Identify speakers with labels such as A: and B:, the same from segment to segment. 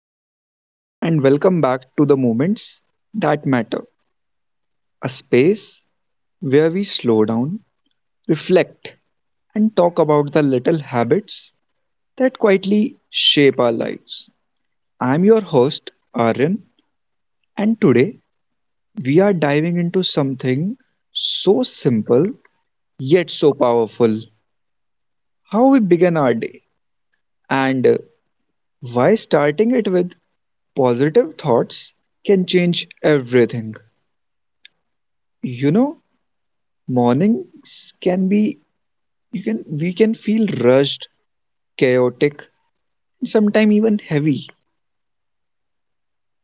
A: Hello, and welcome back to the moments that matter, a space where we slow down, reflect, and talk about the little habits that quietly shape our lives. I'm your host, Aryan, and today we are diving into something so simple yet so powerful: how we begin our day, and why starting it with positive thoughts can change everything. You know, mornings can be you can we can feel rushed, chaotic, sometimes even heavy,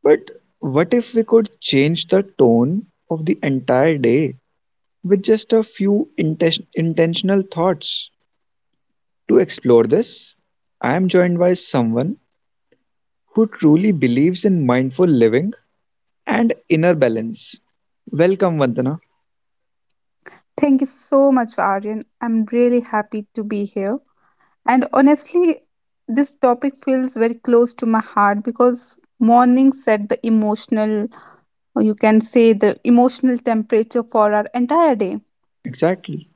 A: but what if we could change the tone of the entire day with just a few intentional thoughts? To explore this, I am joined by someone who truly believes in mindful living and inner balance. Welcome, Vandana.
B: Thank you so much, Aryan. I'm really happy to be here. And honestly, this topic feels very close to my heart because morning set the emotional, or you can say the emotional temperature for our entire day.
A: Exactly.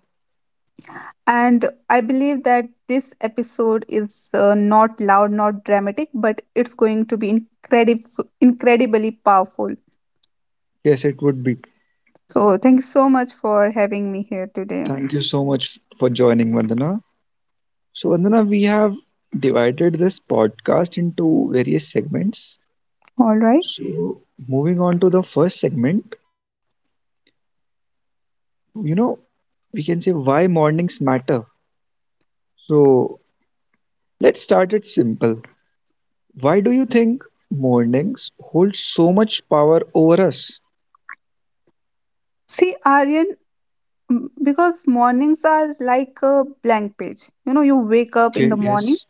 B: And I believe that this episode is not loud, not dramatic, but it's going to be incredibly powerful.
A: Yes, it would be.
B: So, thank you so much for having me here today.
A: Thank you so much for joining, Vandana. So, Vandana, we have divided this podcast into various segments.
B: All right.
A: So, moving on to the first segment, you know, we can say why mornings matter. So, let's start it simple. Why do you think mornings hold so much power over us?
B: See, Aryan. Because mornings are like a blank page. You wake up in
A: Okay,
B: the morning
A: yes.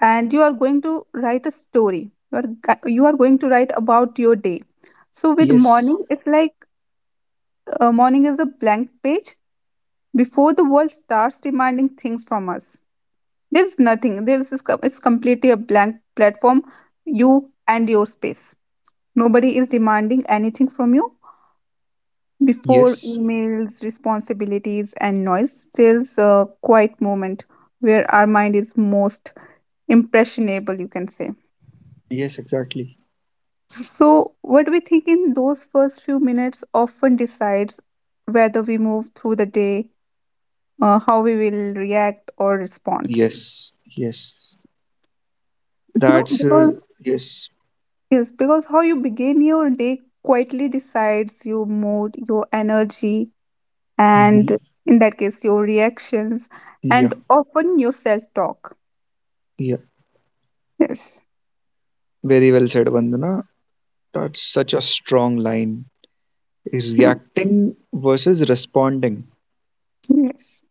B: and you are going to write a story. You are going to write about your day. So with
A: Yes,
B: morning it's like morning is a blank page before the world starts demanding things from us. There's nothing, it's completely a blank platform. You and your space, nobody is demanding anything from you. Before
A: yes,
B: emails, responsibilities, and noise, there's a quiet moment where our mind is most impressionable, you can say.
A: yes, exactly.
B: So, what we think in those first few minutes often decides whether we move through the day, how we will react or respond.
A: Yes, yes.
B: You know,
A: That's, uh,
B: because
A: yes.
B: yes, because how you begin your day quietly decides your mood, your energy, and
A: Hmm.
B: in that case, your reactions,
A: Yeah,
B: and often your self talk.
A: yeah.
B: Yes.
A: Very well said, Vandana. That's such a strong line:
B: Hmm.
A: reacting versus responding.
B: Yes,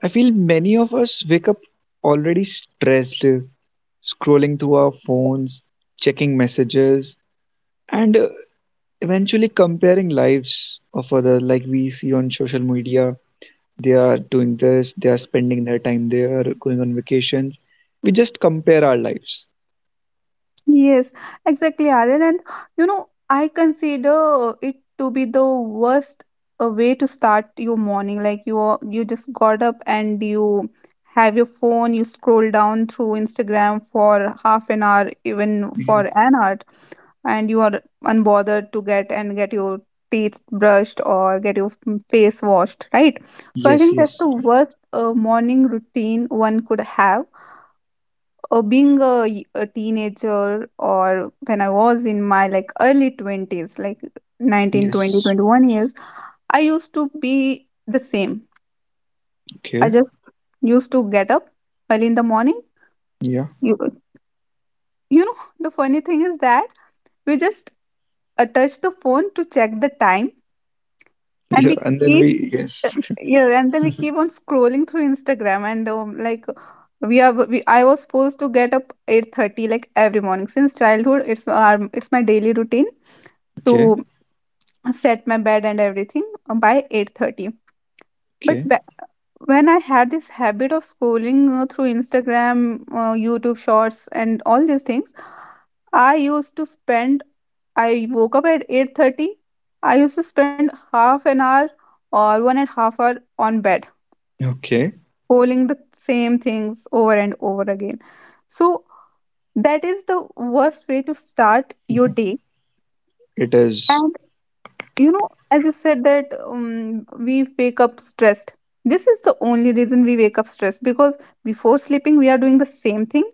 A: I feel many of us wake up already stressed, scrolling through our phones, checking messages, and eventually comparing lives of others like we see on social media. They are doing this, they are spending their time there, going on vacations. We just compare our lives.
B: yes, exactly, Aaron. And I consider it to be the worst way to start your morning. Like you just got up and you have your phone. You scroll down through Instagram for half an hour, even
A: Yeah.
B: for an hour, and you are unbothered to get and get your teeth brushed or get your face washed, right? So I
A: Yes,
B: think that's
A: yes,
B: the worst morning routine one could have, being a teenager, or when I was in my like early 20s, like 19, 20,
A: yes.
B: 21 years. I used to be the same. I
A: Okay.
B: just used to get up early in the morning.
A: Yeah.
B: you, you know, the funny thing is that we just touch the phone to check the time, and
A: Yeah.
B: we
A: And then
B: keep
A: we, yes.
B: yeah, and then we keep on scrolling through Instagram and like, I was supposed to get up 8:30 like every morning. Since childhood, it's my daily routine
A: Okay.
B: to set my bed and everything, by 8:30. but
A: Okay.
B: wh- when I had this habit of scrolling, through Instagram, YouTube shorts and all these things, I used to spend, I woke up at 8:30, I used to spend half an hour or 1.5 hour on bed
A: Okay.
B: scrolling the same things over and over again. So that is the worst way to start your day.
A: It is.
B: You know, as you said that, we wake up stressed. This is the only reason we wake up stressed, because before sleeping we are doing the same thing,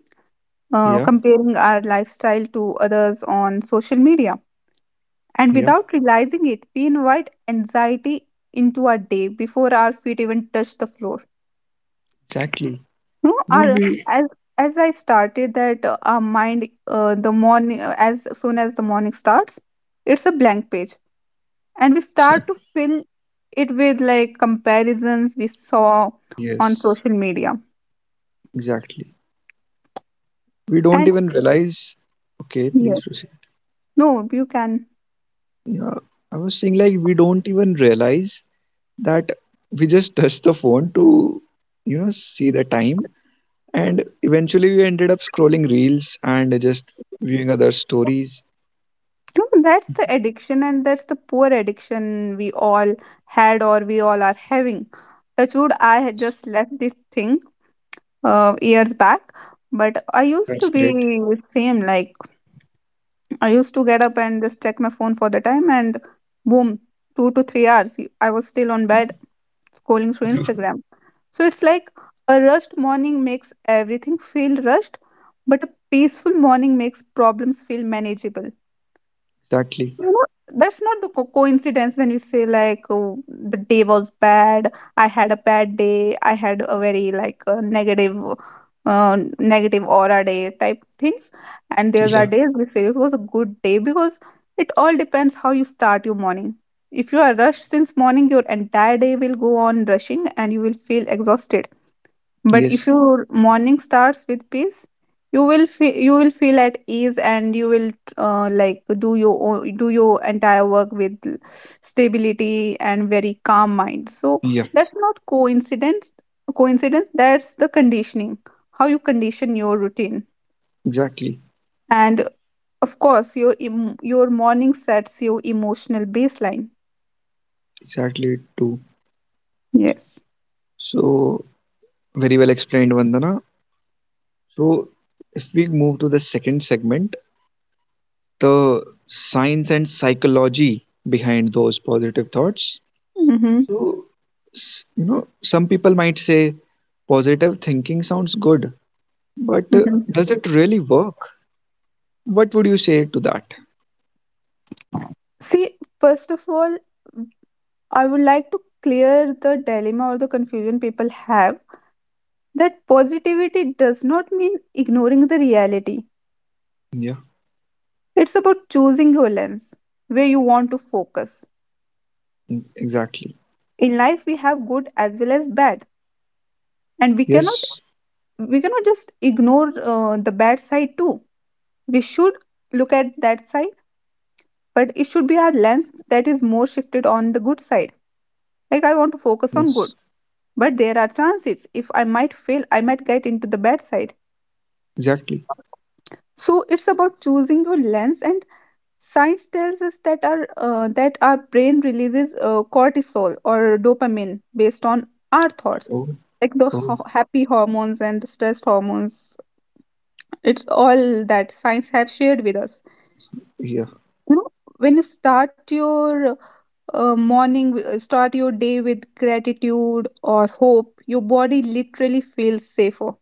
A: Yeah.
B: comparing our lifestyle to others on social media. And
A: Yeah.
B: without realizing it, we invite anxiety into our day before our feet even touch the floor.
A: Exactly.
B: You know,
A: No,
B: our
A: we,
B: as I started that, our mind, the morning, as soon as the morning starts, it's a blank page, and we start to fill it with like comparisons we saw on
A: yes,
B: social media.
A: exactly. We don't
B: And
A: even realize. Okay, please
B: yeah.
A: proceed.
B: no you can
A: Yeah, I was saying, like, we don't even realize that we just touched the phone to, you know, see the time. And eventually we ended up scrolling reels and just viewing other stories.
B: No, that's the addiction, and that's the poor addiction we all are having. Touchwood, I had just left this thing years back, but I used
A: That's
B: to be
A: great.
B: same. Like, I used to get up and just check my phone for the time, and boom, 2 to 3 hours, I was still on bed scrolling through Instagram. So it's like a rushed morning makes everything feel rushed, but a peaceful morning makes problems feel manageable.
A: Exactly.
B: You know, that's not coincidence when we say, like, oh, the day was bad. I had a bad day. I had a very like negative aura day type things. And there's
A: Yeah.
B: are days we feel it was a good day, because it all depends how you start your morning. If you are rushed since morning, your entire day will go on rushing and you will feel exhausted. But
A: Yes.
B: if your morning starts with peace, you will feel at ease, and you will, do your entire work with stability and very calm mind. So
A: Yeah.
B: that's not coincidence. Coincidence. That's the conditioning. How you condition your routine,
A: Exactly.
B: and of course, your morning sets your emotional baseline.
A: Exactly, too.
B: Yes.
A: So, very well explained, Vandana. So, if we move to the second segment, the science and psychology behind those positive thoughts.
B: Mm-hmm.
A: So, you know, some people might say positive thinking sounds good, but
B: Mm-hmm.
A: does it really work? What would you say to that?
B: See, first of all, I would like to clear the dilemma or the confusion people have, that positivity does not mean ignoring the reality.
A: Yeah,
B: It's about choosing your lens, where you want to focus.
A: mm, exactly.
B: In life, we have good as well as bad, and we cannot
A: Yes,
B: we cannot just ignore, the bad side too. We should look at that side, but it should be our lens that is more shifted on the good side. Like, I want to focus on
A: yes,
B: good, but there are chances if I might fail, I might get into the bad side.
A: exactly.
B: So it's about choosing your lens. And science tells us that our brain releases, cortisol or dopamine based on our thoughts,
A: Oh,
B: like the
A: oh,
B: happy hormones and the stress hormones. It's all that science have shared with us.
A: yeah,
B: You know, when you start your day with gratitude or hope, your body literally feels safer.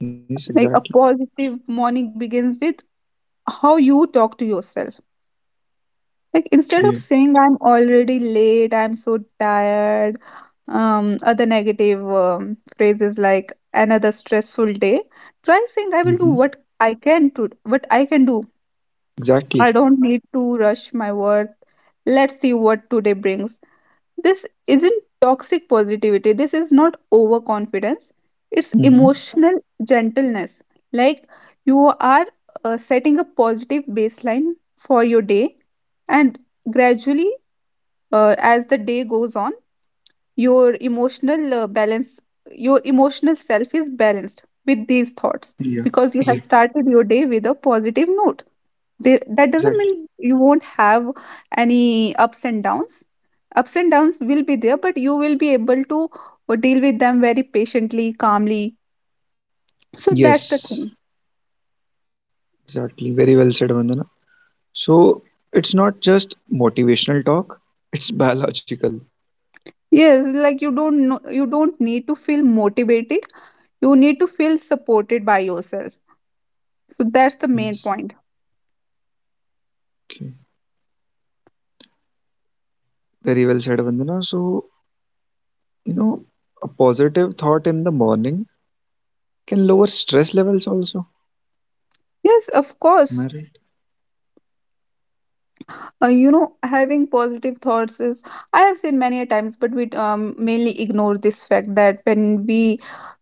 A: yes,
B: Like,
A: exactly.
B: a positive morning begins with how you talk to yourself. Like, instead of
A: Okay.
B: saying I'm already late, I'm so tired, other negative phrases like another stressful day, try saying, I will do
A: Mm-hmm.
B: what I can to what I can do. I
A: Exactly.
B: don't need to rush my work. Let's see what today brings. This isn't toxic positivity. This is not overconfidence. It's
A: Mm-hmm.
B: emotional gentleness. Like, you are setting a positive baseline for your day, and gradually, as the day goes on, your emotional balance your emotional self is balanced with these thoughts,
A: Yeah,
B: because you have
A: yeah,
B: started your day with a positive note. There, that doesn't
A: exactly.
B: mean you won't have any ups and downs. Ups and downs will be there, but you will be able to, deal with them very patiently, calmly. So that's the
A: Yes,
B: thing.
A: exactly. Very well said, Vandana. So it's not just motivational talk, it's biological.
B: Yes, like, you don't need to feel motivated. You need to feel supported by yourself. So that's the main
A: Yes.
B: point.
A: Okay. Very well said, Vandana. So, you know, a positive thought in the morning can lower stress levels also.
B: Yes, of
A: Am
B: course.
A: I right?
B: You know, having positive thoughts is, I have seen many a times, but we, mainly ignore this fact that when we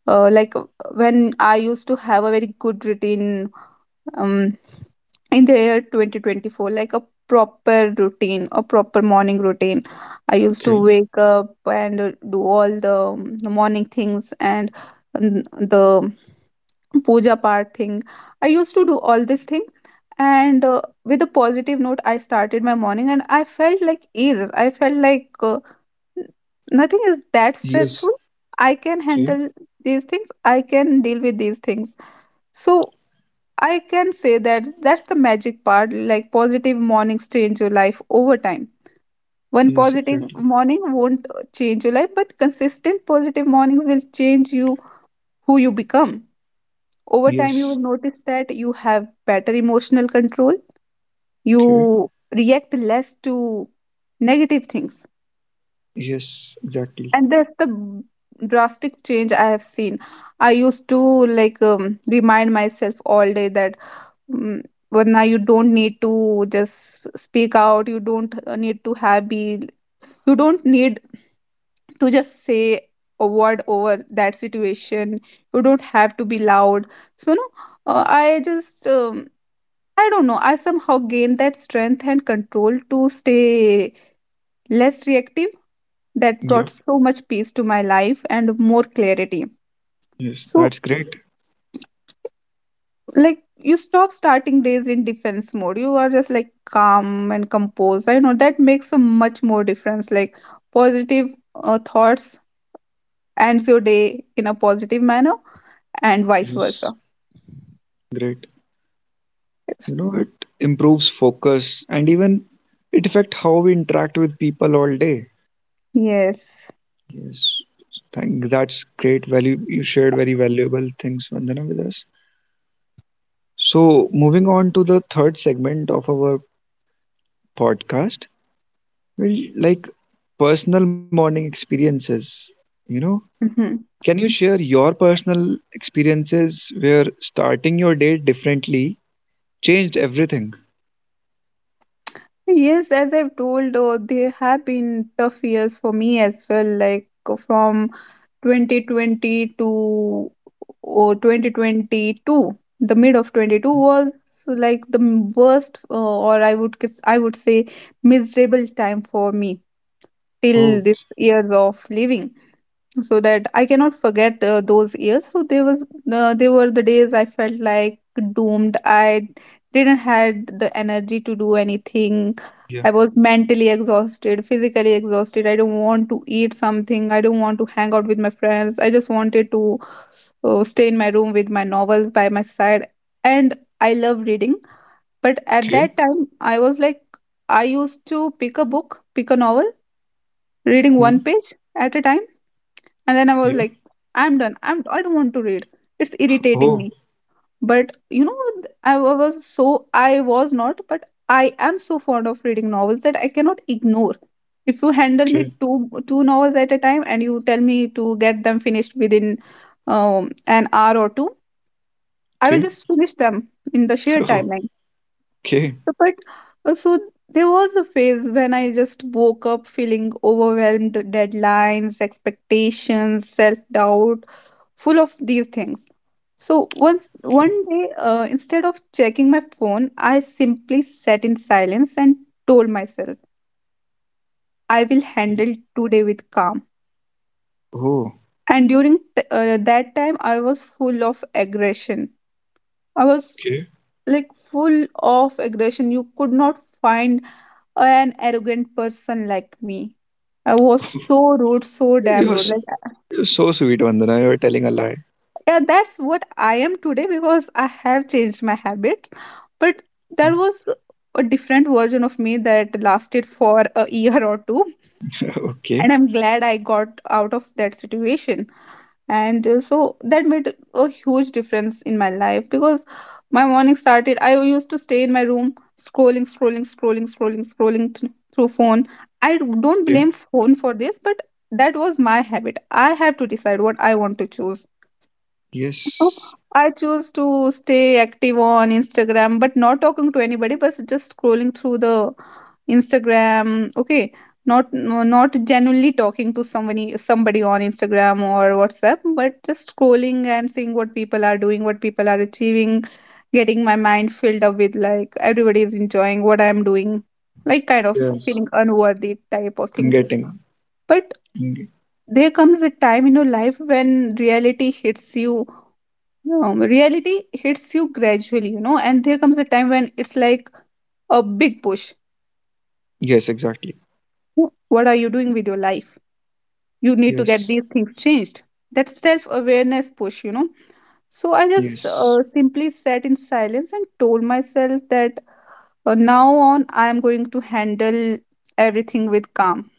B: like when I used to have a very good routine, um, in the year 2024, like a proper routine, a proper morning routine. I used to
A: Okay.
B: wake up and, do all the, morning things, and um, the puja part thing. I used to do all this thing, and with a positive note, I started my morning, and I felt like ease. I felt like, n- nothing is that
A: Yes.
B: stressful. I can
A: Okay.
B: handle these things, I can deal with these things. So I can say that that's the magic part. Like, positive mornings change your life over time. One
A: Yes,
B: positive
A: exactly.
B: morning won't, change your life, but consistent positive mornings will change you. Who you become over time, you will
A: Yes.
B: notice that you have better emotional control,
A: Okay.
B: you react less to negative things.
A: Yes, exactly.
B: And that's the drastic change I have seen. I used to like, remind myself all day that, mm, Varna, you don't need to just speak out, you don't need to just say a word over that situation, you don't have to be loud. So, no, I just, I don't know. I somehow gained that strength and control to stay less reactive. That brought
A: Yeah.
B: so much peace to my life and more clarity.
A: Yes,
B: So,
A: that's great.
B: like, you stop starting days in defense mode. You are just like calm and composed. I know that makes a much more difference. Like, positive, thoughts ends your day in a positive manner, and vice versa.
A: Yes, great. You know, it improves focus and even it affect how we interact with people all day.
B: Yes.
A: Yes. Thank, that's great value. You shared very valuable things, Vandana, with us. So, moving on to the third segment of our podcast, well, like personal morning experiences. You know, can you share your personal experiences where starting your day differently changed everything?
B: Yes, as I've told, though, there have been tough years for me as well, like, from 2020 to, or 2022. The mid of 22 was like the worst, or I would say, miserable time for me till
A: Oh,
B: this year of living. So that I cannot forget, those years. So there was They were the days I felt like doomed. I didn't had the energy to do anything.
A: yeah.
B: I was mentally exhausted, physically exhausted. I don't want to eat something. I don't want to hang out with my friends. I just wanted to, stay in my room with my novels by my side. And I love reading, but at
A: Okay.
B: that time I was like I used to pick a book, pick a novel, reading
A: Hmm.
B: one page at a time and then I was
A: Yeah.
B: like I'm done, I don't want to read, it's irritating
A: Oh,
B: me. But you know was so, I was not. But I am so fond of reading novels that I cannot ignore. If you handle me
A: okay.
B: two novels at a time and you tell me to get them finished within an hour or two, I will
A: Okay.
B: just finish them in the sheer
A: Oh,
B: timeline.
A: okay.
B: So, but so there was a phase when I just woke up feeling overwhelmed, deadlines, expectations, self doubt, full of these things. So once one day, instead of checking my phone, I simply sat in silence and told myself, "I will handle today with calm."
A: Oh,
B: And during that time, I was full of aggression. I was
A: okay.
B: like full of aggression. You could not find an arrogant person like me. I was so rude, so damn
A: You're,
B: rude. Like
A: you're so sweet, Vandana. You're telling a lie.
B: yeah, that's what I am today because I have changed my habits. But there was a different version of me that lasted for a year or two,
A: Okay.
B: and I'm glad I got out of that situation. And so that made a huge difference in my life because my morning started, I used to stay in my room scrolling, scrolling, scrolling, scrolling, scrolling through phone. I don't blame phone for this, but that was my habit. I have to decide what I want to choose. Oh,
A: Yes,
B: I choose to stay active on Instagram, but not talking to anybody, but just scrolling through the Instagram. Okay, not genuinely talking to somebody on Instagram or WhatsApp, but just scrolling and seeing what people are doing, what people are achieving, getting my mind filled up with like everybody is enjoying what I'm doing, like kind of
A: yes,
B: feeling unworthy type of
A: I'm
B: thing.
A: getting.
B: But
A: I'm ge-
B: there comes a time in your life when reality hits you, no, reality hits you gradually, you know, and there comes a time when it's like a big push.
A: Yes, exactly.
B: What are you doing with your life? You need to get
A: Yes,
B: these things changed. That self awareness push, you know. So I just
A: yes.
B: simply sat in silence and told myself that now on I am going to handle everything with calm.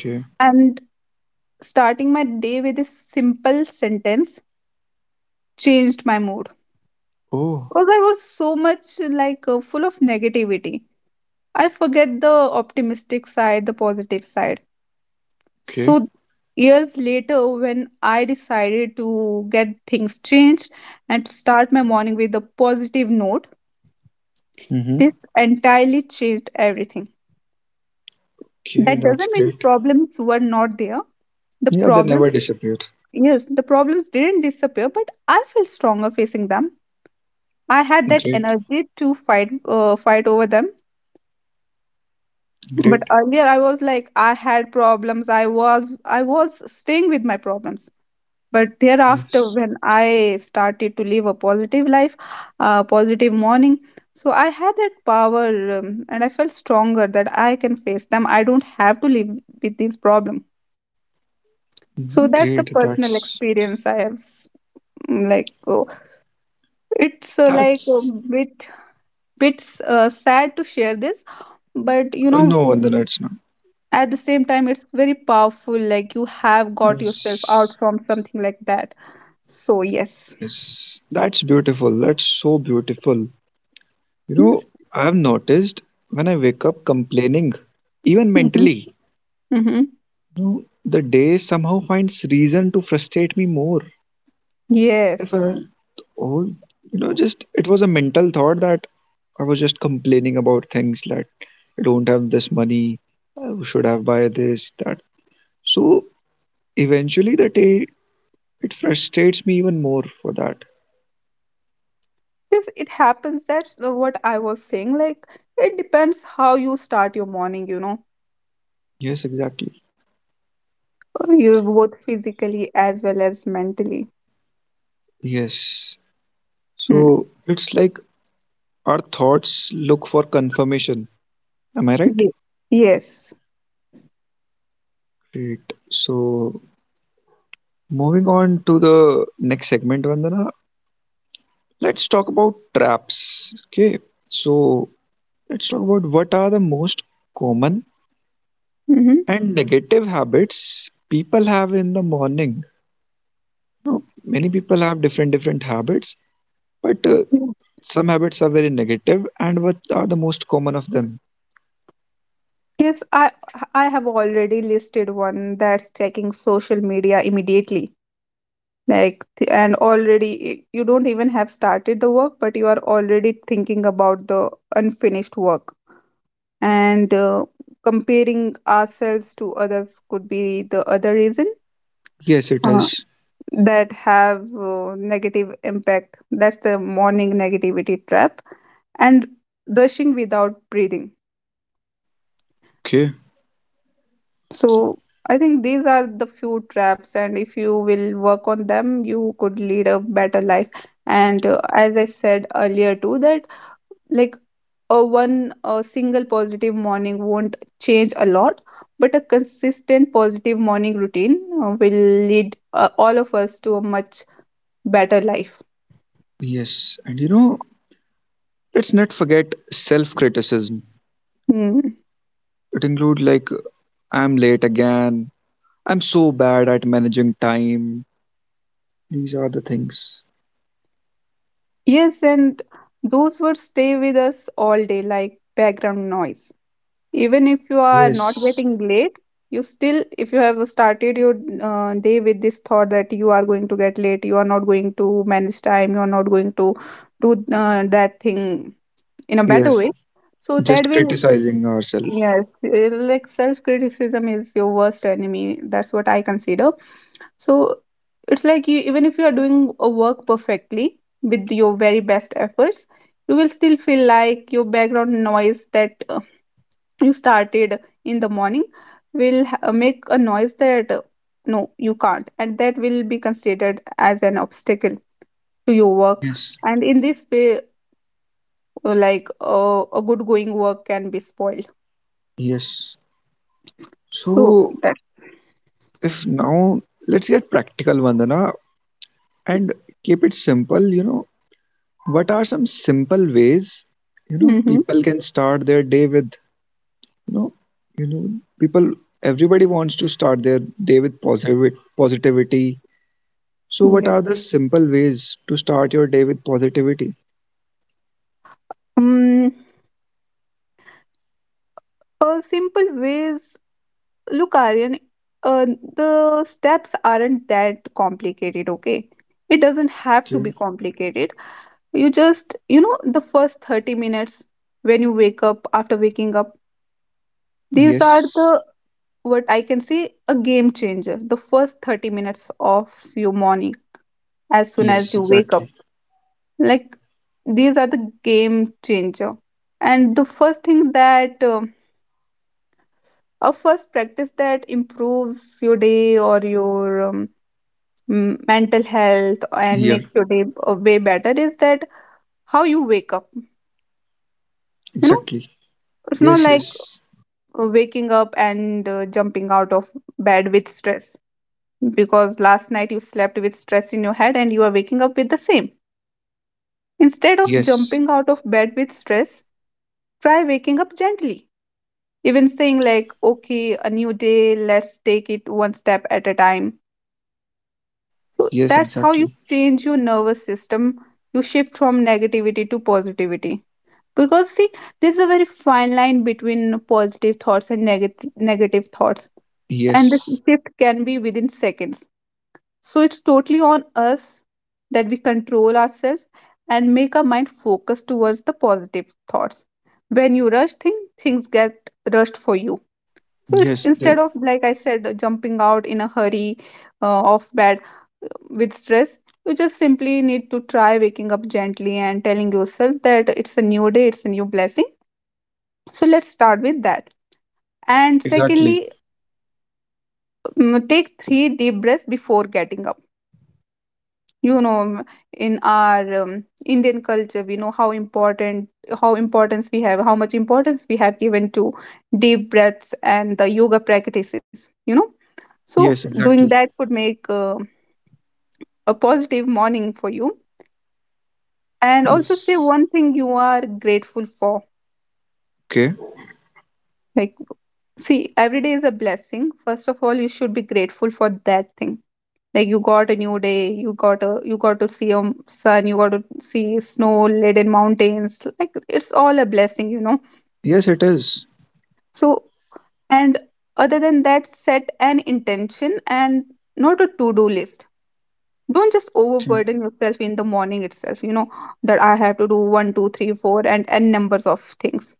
A: Okay.
B: And starting my day with this simple sentence changed my mood
A: Oh,
B: because I was so much like full of negativity. I forget the optimistic side, the positive side.
A: okay.
B: So, years later, when I decided to get things changed and to start my morning with a positive note, this
A: Mm-hmm.
B: entirely changed everything.
A: Okay,
B: That
A: that's
B: doesn't mean
A: great.
B: problems were not there. The
A: Yeah, they
B: problem,
A: never disappear.
B: yes, the problems didn't disappear, but I felt stronger facing them. I had that
A: Great,
B: energy to fight, fight over them. But
A: great.
B: earlier, I was like, I had problems. I was staying with my problems. But thereafter,
A: Yes,
B: when I started to live a positive life, a positive morning, so I had that power and I felt stronger that I can face them. I don't have to live with this problem. So that's
A: great.
B: the personal
A: That's
B: experience I have. Like oh, it's like a
A: that's
B: bit bit sad to share this, but you know
A: no, then it's not.
B: at the same time it's very powerful. Like you have got yourself
A: Yes,
B: out from something like that. So yes.
A: yes. That's beautiful. That's so beautiful. You
B: Yes.
A: know, I've noticed when I wake up complaining, even
B: Mm-hmm.
A: mentally,
B: Mm-hmm.
A: you know, the day somehow finds reason to frustrate me more. If
B: Yes,
A: I, oh, you know, just it was a mental thought that I was just complaining about things, that I don't have this money, I should have buy this, that. So eventually the day, it frustrates me even more for that.
B: because it happens. That's the- what I was saying. Like, it depends how you start your morning, you know,
A: Yes, exactly.
B: you both physically as well as mentally.
A: Yes.
B: Hmm.
A: So it's like our thoughts look for confirmation. Am I right?
B: Ye- Yes.
A: Great. So moving on to the next segment, Vandana, let's talk about traps. Okay. So let's talk about what are the most common
B: Mm-hmm.
A: and negative habits people have in the morning. Now, many people have different different habits, but some habits are very negative, negative. And what are the most common of them?
B: Yes, I have already listed one, that's checking social media immediately. Like, and already you don't even have started the work, but you are already thinking about the unfinished work. And comparing ourselves to others could be the other reason
A: Yes, it
B: uh,
A: is.
B: that have negative impact, that's the morning negativity trap. And rushing without breathing.
A: Okay.
B: So I think these are the few traps, and if you will work on them you could lead a better life. And as I said earlier too that like a one a single positive morning won't change a lot, but a consistent positive morning routine will lead all of us to a much better life.
A: Yes, and you know, let's not forget self-criticism.
B: Hmm.
A: It includes like, I'm late again, I'm so bad at managing time. These are the things.
B: Yes, and those words stay with us all day like background noise. Even if you are not
A: Yes.
B: getting late, you still, if you have started your day with this thought that you are going to get late, you are not going to manage time, you are not going to do that thing in a better
A: Yes.
B: way. So that
A: Just
B: will.
A: criticizing ourselves.
B: Yes, like self criticism is your worst enemy, that's what I consider. So it's like you, even if you are doing a work perfectly with your very best efforts, you will still feel like your background noise that you started in the morning will make a noise that no you can't, and that will be considered as an obstacle to your work,
A: Yes.
B: and in this way like a good going work can be spoiled.
A: Yes. So,
B: So that.
A: if now let's get practical, Vandana, and keep it simple. You know, what are some simple ways you know
B: Mm-hmm.
A: people can start their day with? You know, you know, people. Everybody wants to start their day with positive positivity. So, what
B: Yeah.
A: are the simple ways to start your day with positivity?
B: Um, a simple ways. Look, Aryan, uh, the steps aren't that complicated. Okay, it doesn't have to be
A: Okay.
B: complicated. You just you know the first 30 minutes when you wake up, after waking up. These are
A: Yes.
B: the what I can say a game changer. The first 30 minutes of your morning as soon as
A: Yes.
B: you wake up,
A: Exactly.
B: like these are the game changer. And the first thing that a first practice that improves your day or your mental health and
A: Yeah.
B: makes your day a way better is that how you wake up, you know,
A: Exactly.
B: it's not
A: Yes.
B: like
A: Yes.
B: waking up and jumping out of bed with stress, because last night you slept with stress in your head and you are waking up with the same. Instead of
A: Yes.
B: jumping out of bed with stress, try waking up gently, even saying like okay, a new day, let's take it one step at a time. So
A: Yes.
B: that's how you
A: Exactly.
B: change your nervous system. You shift from negativity to positivity. Because see, there's a very fine line between positive thoughts and negative thoughts. And the
A: Yes.
B: shift can be within seconds. So it's totally on us that we control ourselves and make our mind focus towards the positive thoughts. When you rush things, things get rushed for you. So it's,
A: Yes.
B: instead of like I said jumping out in a hurry off bed with stress, you just simply need to try waking up gently and telling yourself that it's a new day, it's a new blessing. So let's start with that. And
A: Exactly.
B: secondly, take three deep breaths before getting up, you know. In our Indian culture, we know how important how importance we have how much importance we have given to deep breaths and the yoga practices, you know. So
A: Yes,
B: doing
A: exactly.
B: that could make a positive morning for you. And also say
A: Yes.
B: one thing you are grateful for,
A: Okay.
B: like see, every day is a blessing. First of all you should be grateful for that thing. Like you got a new day, you got a you got to see sun, you got to see snow laden mountains, like it's all a blessing, you know.
A: Yes, it is.
B: So, and other than that, set an intention and not a to do list. Don't just
A: Okay.
B: overburden yourself in the morning itself, you know, that I have to do one two three four and n numbers of things.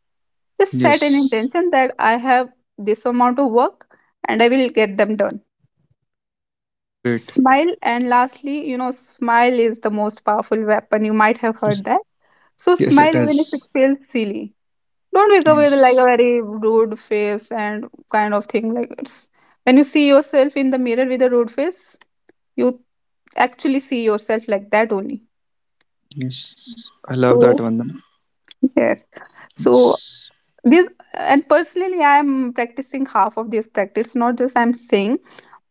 B: Just set an
A: Yes.
B: intention that I have this amount of work and I will get them done.
A: Great.
B: Smile, and lastly, you know, smile is the most powerful weapon, you might have heard that. So
A: Yes,
B: smile
A: it
B: even if it
A: is.
B: feels silly. Don't wake up with like a
A: Yes.
B: very rude face and kind of thing. Like it's when you see yourself in the mirror with a rude face, you actually see yourself like that only.
A: Yes. I love that,
B: So
A: Vandana.
B: yes. So
A: Yes.
B: this, and personally, I am practicing half of these practice. Not just I'm saying,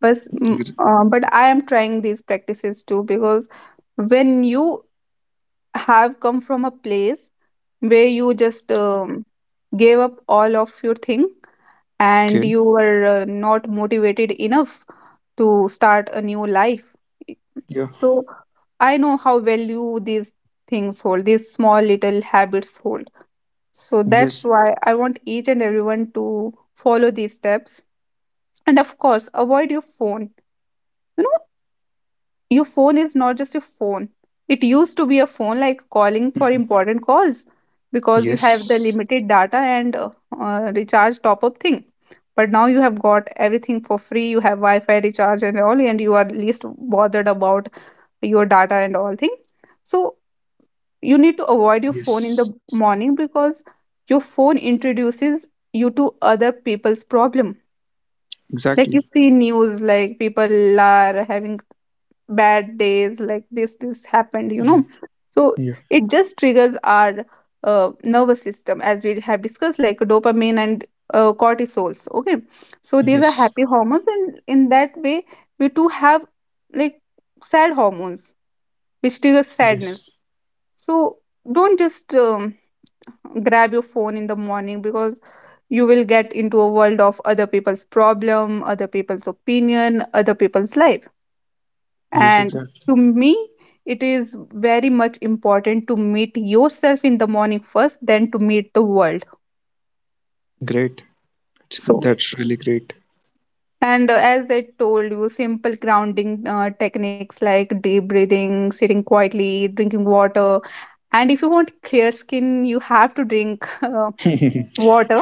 B: but
A: Gr-
B: but I am trying these practices too, because when you have come from a place where you just gave up all of your thing
A: Okay.
B: and you were not motivated enough to start a new life.
A: Yeah.
B: So I know how value these things hold. These small little habits hold. So that's
A: Yes.
B: why I want each and everyone to follow these steps. And of course, avoid your phone. You know, your phone is not just your phone. It used to be a phone like calling for important calls because you have the
A: Yes.
B: limited data and recharge top up thing. But now you have got everything for free. You have Wi Fi recharge and all, and you are least bothered about your data and all thing. So you need to avoid your phone in the
A: Yes.
B: morning because your phone introduces you to other people's problem, like you
A: Exactly.
B: see news like people are having bad days like this happened, you know.
A: Yeah.
B: So
A: Yeah.
B: it just triggers our nervous system, as we have discussed, like dopamine and cortisols, okay? So these are
A: Yes.
B: happy hormones, and in that way we too have like sad hormones which triggers sadness.
A: Yes.
B: So don't just grab your phone in the morning, because you will get into a world of other people's problem, other people's opinion, other people's life.
A: Yes,
B: And
A: exactly.
B: to me, it is very much important to meet yourself in the morning first then to meet the world.
A: Great. That's
B: So,
A: that's really great.
B: and as I told you, simple grounding techniques like deep breathing, sitting quietly, drinking water. And if you want clear skin, you have to drink water,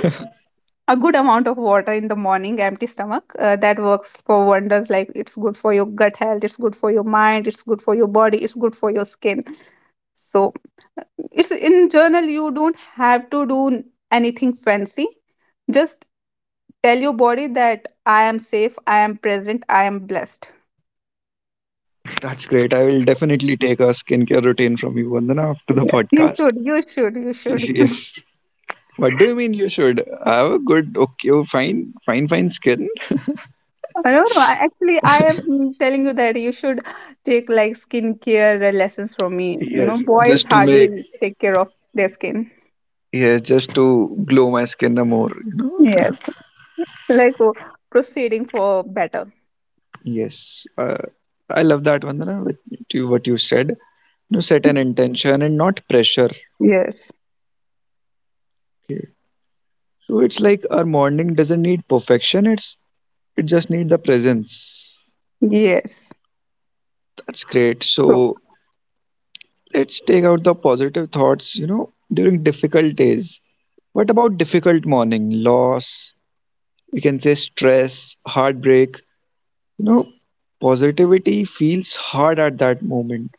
B: a good amount of water in the morning empty stomach. That works for wonders. Like it's good for your gut health, it's good for your mind, it's good for your body, it's good for your skin. So uh, it's in journal, you don't have to do anything fancy. Just tell your body that I am safe, I am present, I am blessed.
A: That's great. I will definitely take a skincare routine from you, Vandana, after the
B: Yes. You
A: podcast.
B: should, you should, you should.
A: Yes. What do you mean you should have a good, okay, oh, fine, fine, fine skin?
B: I don't know. Actually, I am telling you that you should take like skincare lessons from me. You know,
A: Yes,
B: boys
A: just to
B: hardly
A: make,
B: take care of their skin.
A: yes, just to glow my skin more, you
B: Yes.
A: know.
B: Like, oh, proceeding for better.
A: Yes, I love that, Vandana, with you, what you said. You know, set an intention and not pressure.
B: Yes.
A: Okay. So it's like our morning doesn't need perfection. It just needs the presence.
B: Yes.
A: That's great.
B: True.
A: So let's take out the positive thoughts. You know, during difficult days. What about difficult morning? Loss, we can say stress, heartbreak. You know, positivity feels hard at that moment.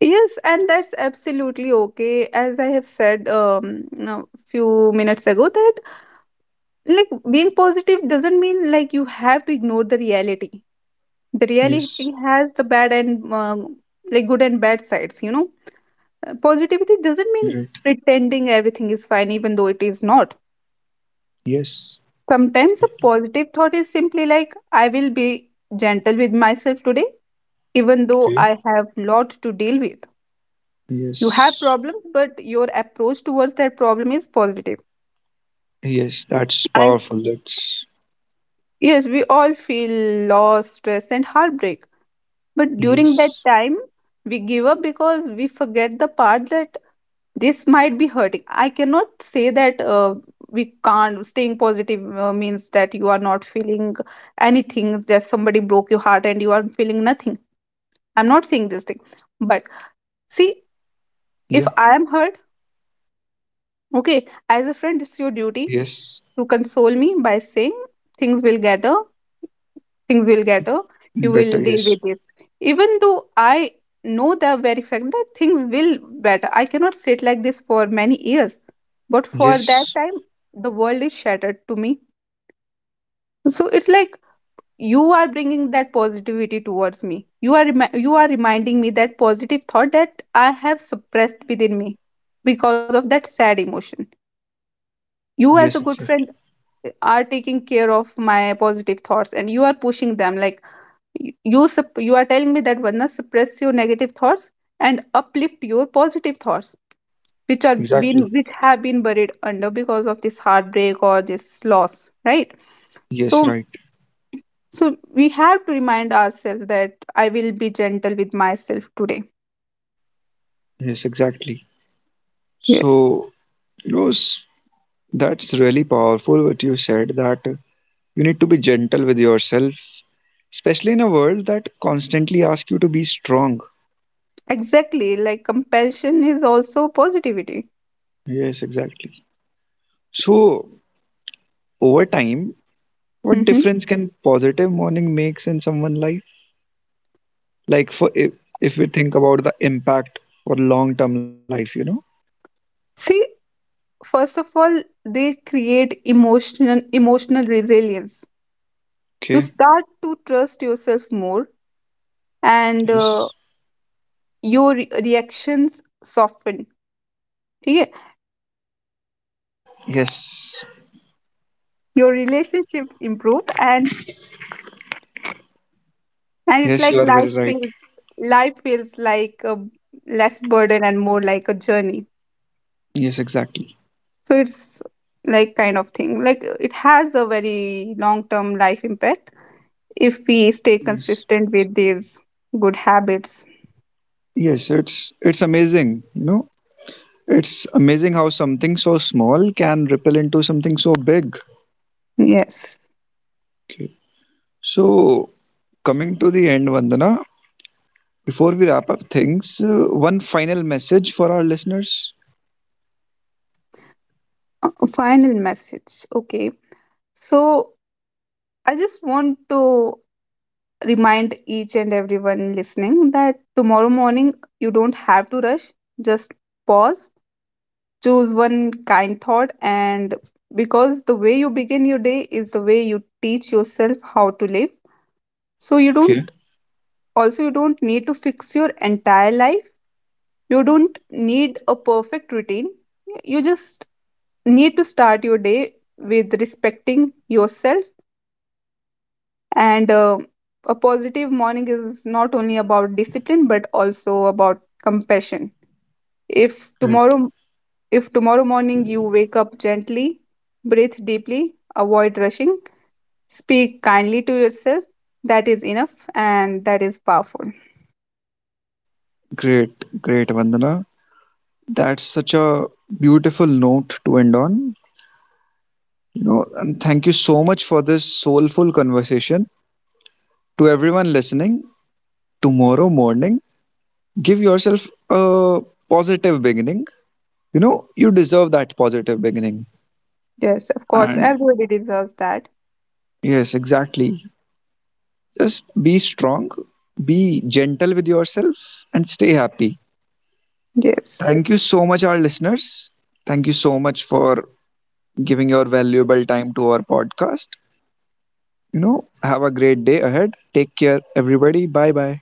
B: Yes, and that's absolutely okay. As I have said a few minutes ago, that like being positive doesn't mean like you have to ignore the reality. The reality
A: Yes,
B: has the bad and like good and bad sides, you know. Positivity doesn't mean
A: right.
B: pretending everything is fine, even though it is not.
A: Yes,
B: Sometimes a positive thought is simply like, I will be gentle with myself today, even though
A: okay.
B: I have lot to deal with. You have
A: Yes,
B: problems, but your approach towards that problem is positive.
A: yes. That's
B: I
A: powerful. That's
B: Yes, we all feel loss, stress, and heartbreak. But during that
A: Yes,
B: time, we give up because we forget the part that this might be hurting. I cannot say that we can't. Staying positive means that you are not feeling anything, that somebody broke your heart and you are feeling nothing. I'm not saying this thing. But see, if
A: yeah,
B: I am hurt, okay, as a friend, it's your duty
A: yes,
B: to console me by saying things will get better, things will get you will
A: better.
B: deal
A: Yes,
B: with it. Even though I know the very fact that things will better, I cannot sit like this for many years. But for that
A: yes,
B: time, the world is shattered to me. So it's like you are bringing that positivity towards me, you are you are reminding me that positive thought that I have suppressed within me because of that sad emotion. You as a
A: yes.
B: good friend,
A: Exactly.
B: are taking care of my positive thoughts, and you are pushing them. Like, you you are telling me that Varna, suppress your negative thoughts and uplift your positive thoughts, which are been
A: Exactly.
B: which have been buried under because of this heartbreak or this loss, right?
A: Yes,
B: so
A: right.
B: so we have to remind ourselves that I will be gentle with myself today.
A: Yes, exactly.
B: Yes.
A: So, you know, that's really powerful. What you said, that you need to be gentle with yourself, especially in a world that constantly asks you to be strong.
B: Exactly, like compassion is also positivity.
A: Yes, exactly. So, over time, what
B: Mhm.
A: difference can positive morning makes in someone life? Like, for if we think about the impact for long-term life, you know?
B: See, first of all, they create emotional resilience. You
A: Okay.
B: start to trust yourself more, and
A: Yes.
B: your reactions soften. ठीक है.
A: Yes.
B: Your relationship improve, and it's
A: Yes, you
B: like
A: are very right.
B: life feels like a less burden and more like a journey.
A: Yes, exactly.
B: So it's like kind of thing, like it has a very long term life impact if we stay
A: Yes.
B: consistent with these good habits.
A: Yes, it's amazing, you know? It's amazing how something so small can ripple into something so big.
B: Yes.
A: Okay. So, coming to the end, Vandana, before we wrap up things, one final message for our listeners.
B: Final message, okay. So I just want to remind each and everyone listening that tomorrow morning, you don't have to rush. Just pause, choose one kind thought, and because the way you begin your day is the way you teach yourself how to live. So you
A: Okay,
B: don't Also, you don't need to fix your entire life. You don't need a perfect routine. You just need to start your day with respecting yourself. And a positive morning is not only about discipline but also about compassion. If
A: great.
B: tomorrow if tomorrow morning you wake up gently, breathe deeply, avoid rushing, speak kindly to yourself, that is enough and that is powerful.
A: Great, great, Vandana. That's such a beautiful note to end on. You know, and thank you so much for this soulful conversation. To everyone listening, tomorrow morning, give yourself a positive beginning. You know, you deserve that positive beginning.
B: Yes, of course,
A: And
B: everybody deserves that.
A: yes, exactly. Just be strong, be gentle with yourself, and stay happy.
B: Yes.
A: Thank you so much, our listeners. Thank you so much for giving your valuable time to our podcast. You know, have a great day ahead. Take care, everybody. Bye bye.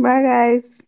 B: Bye guys.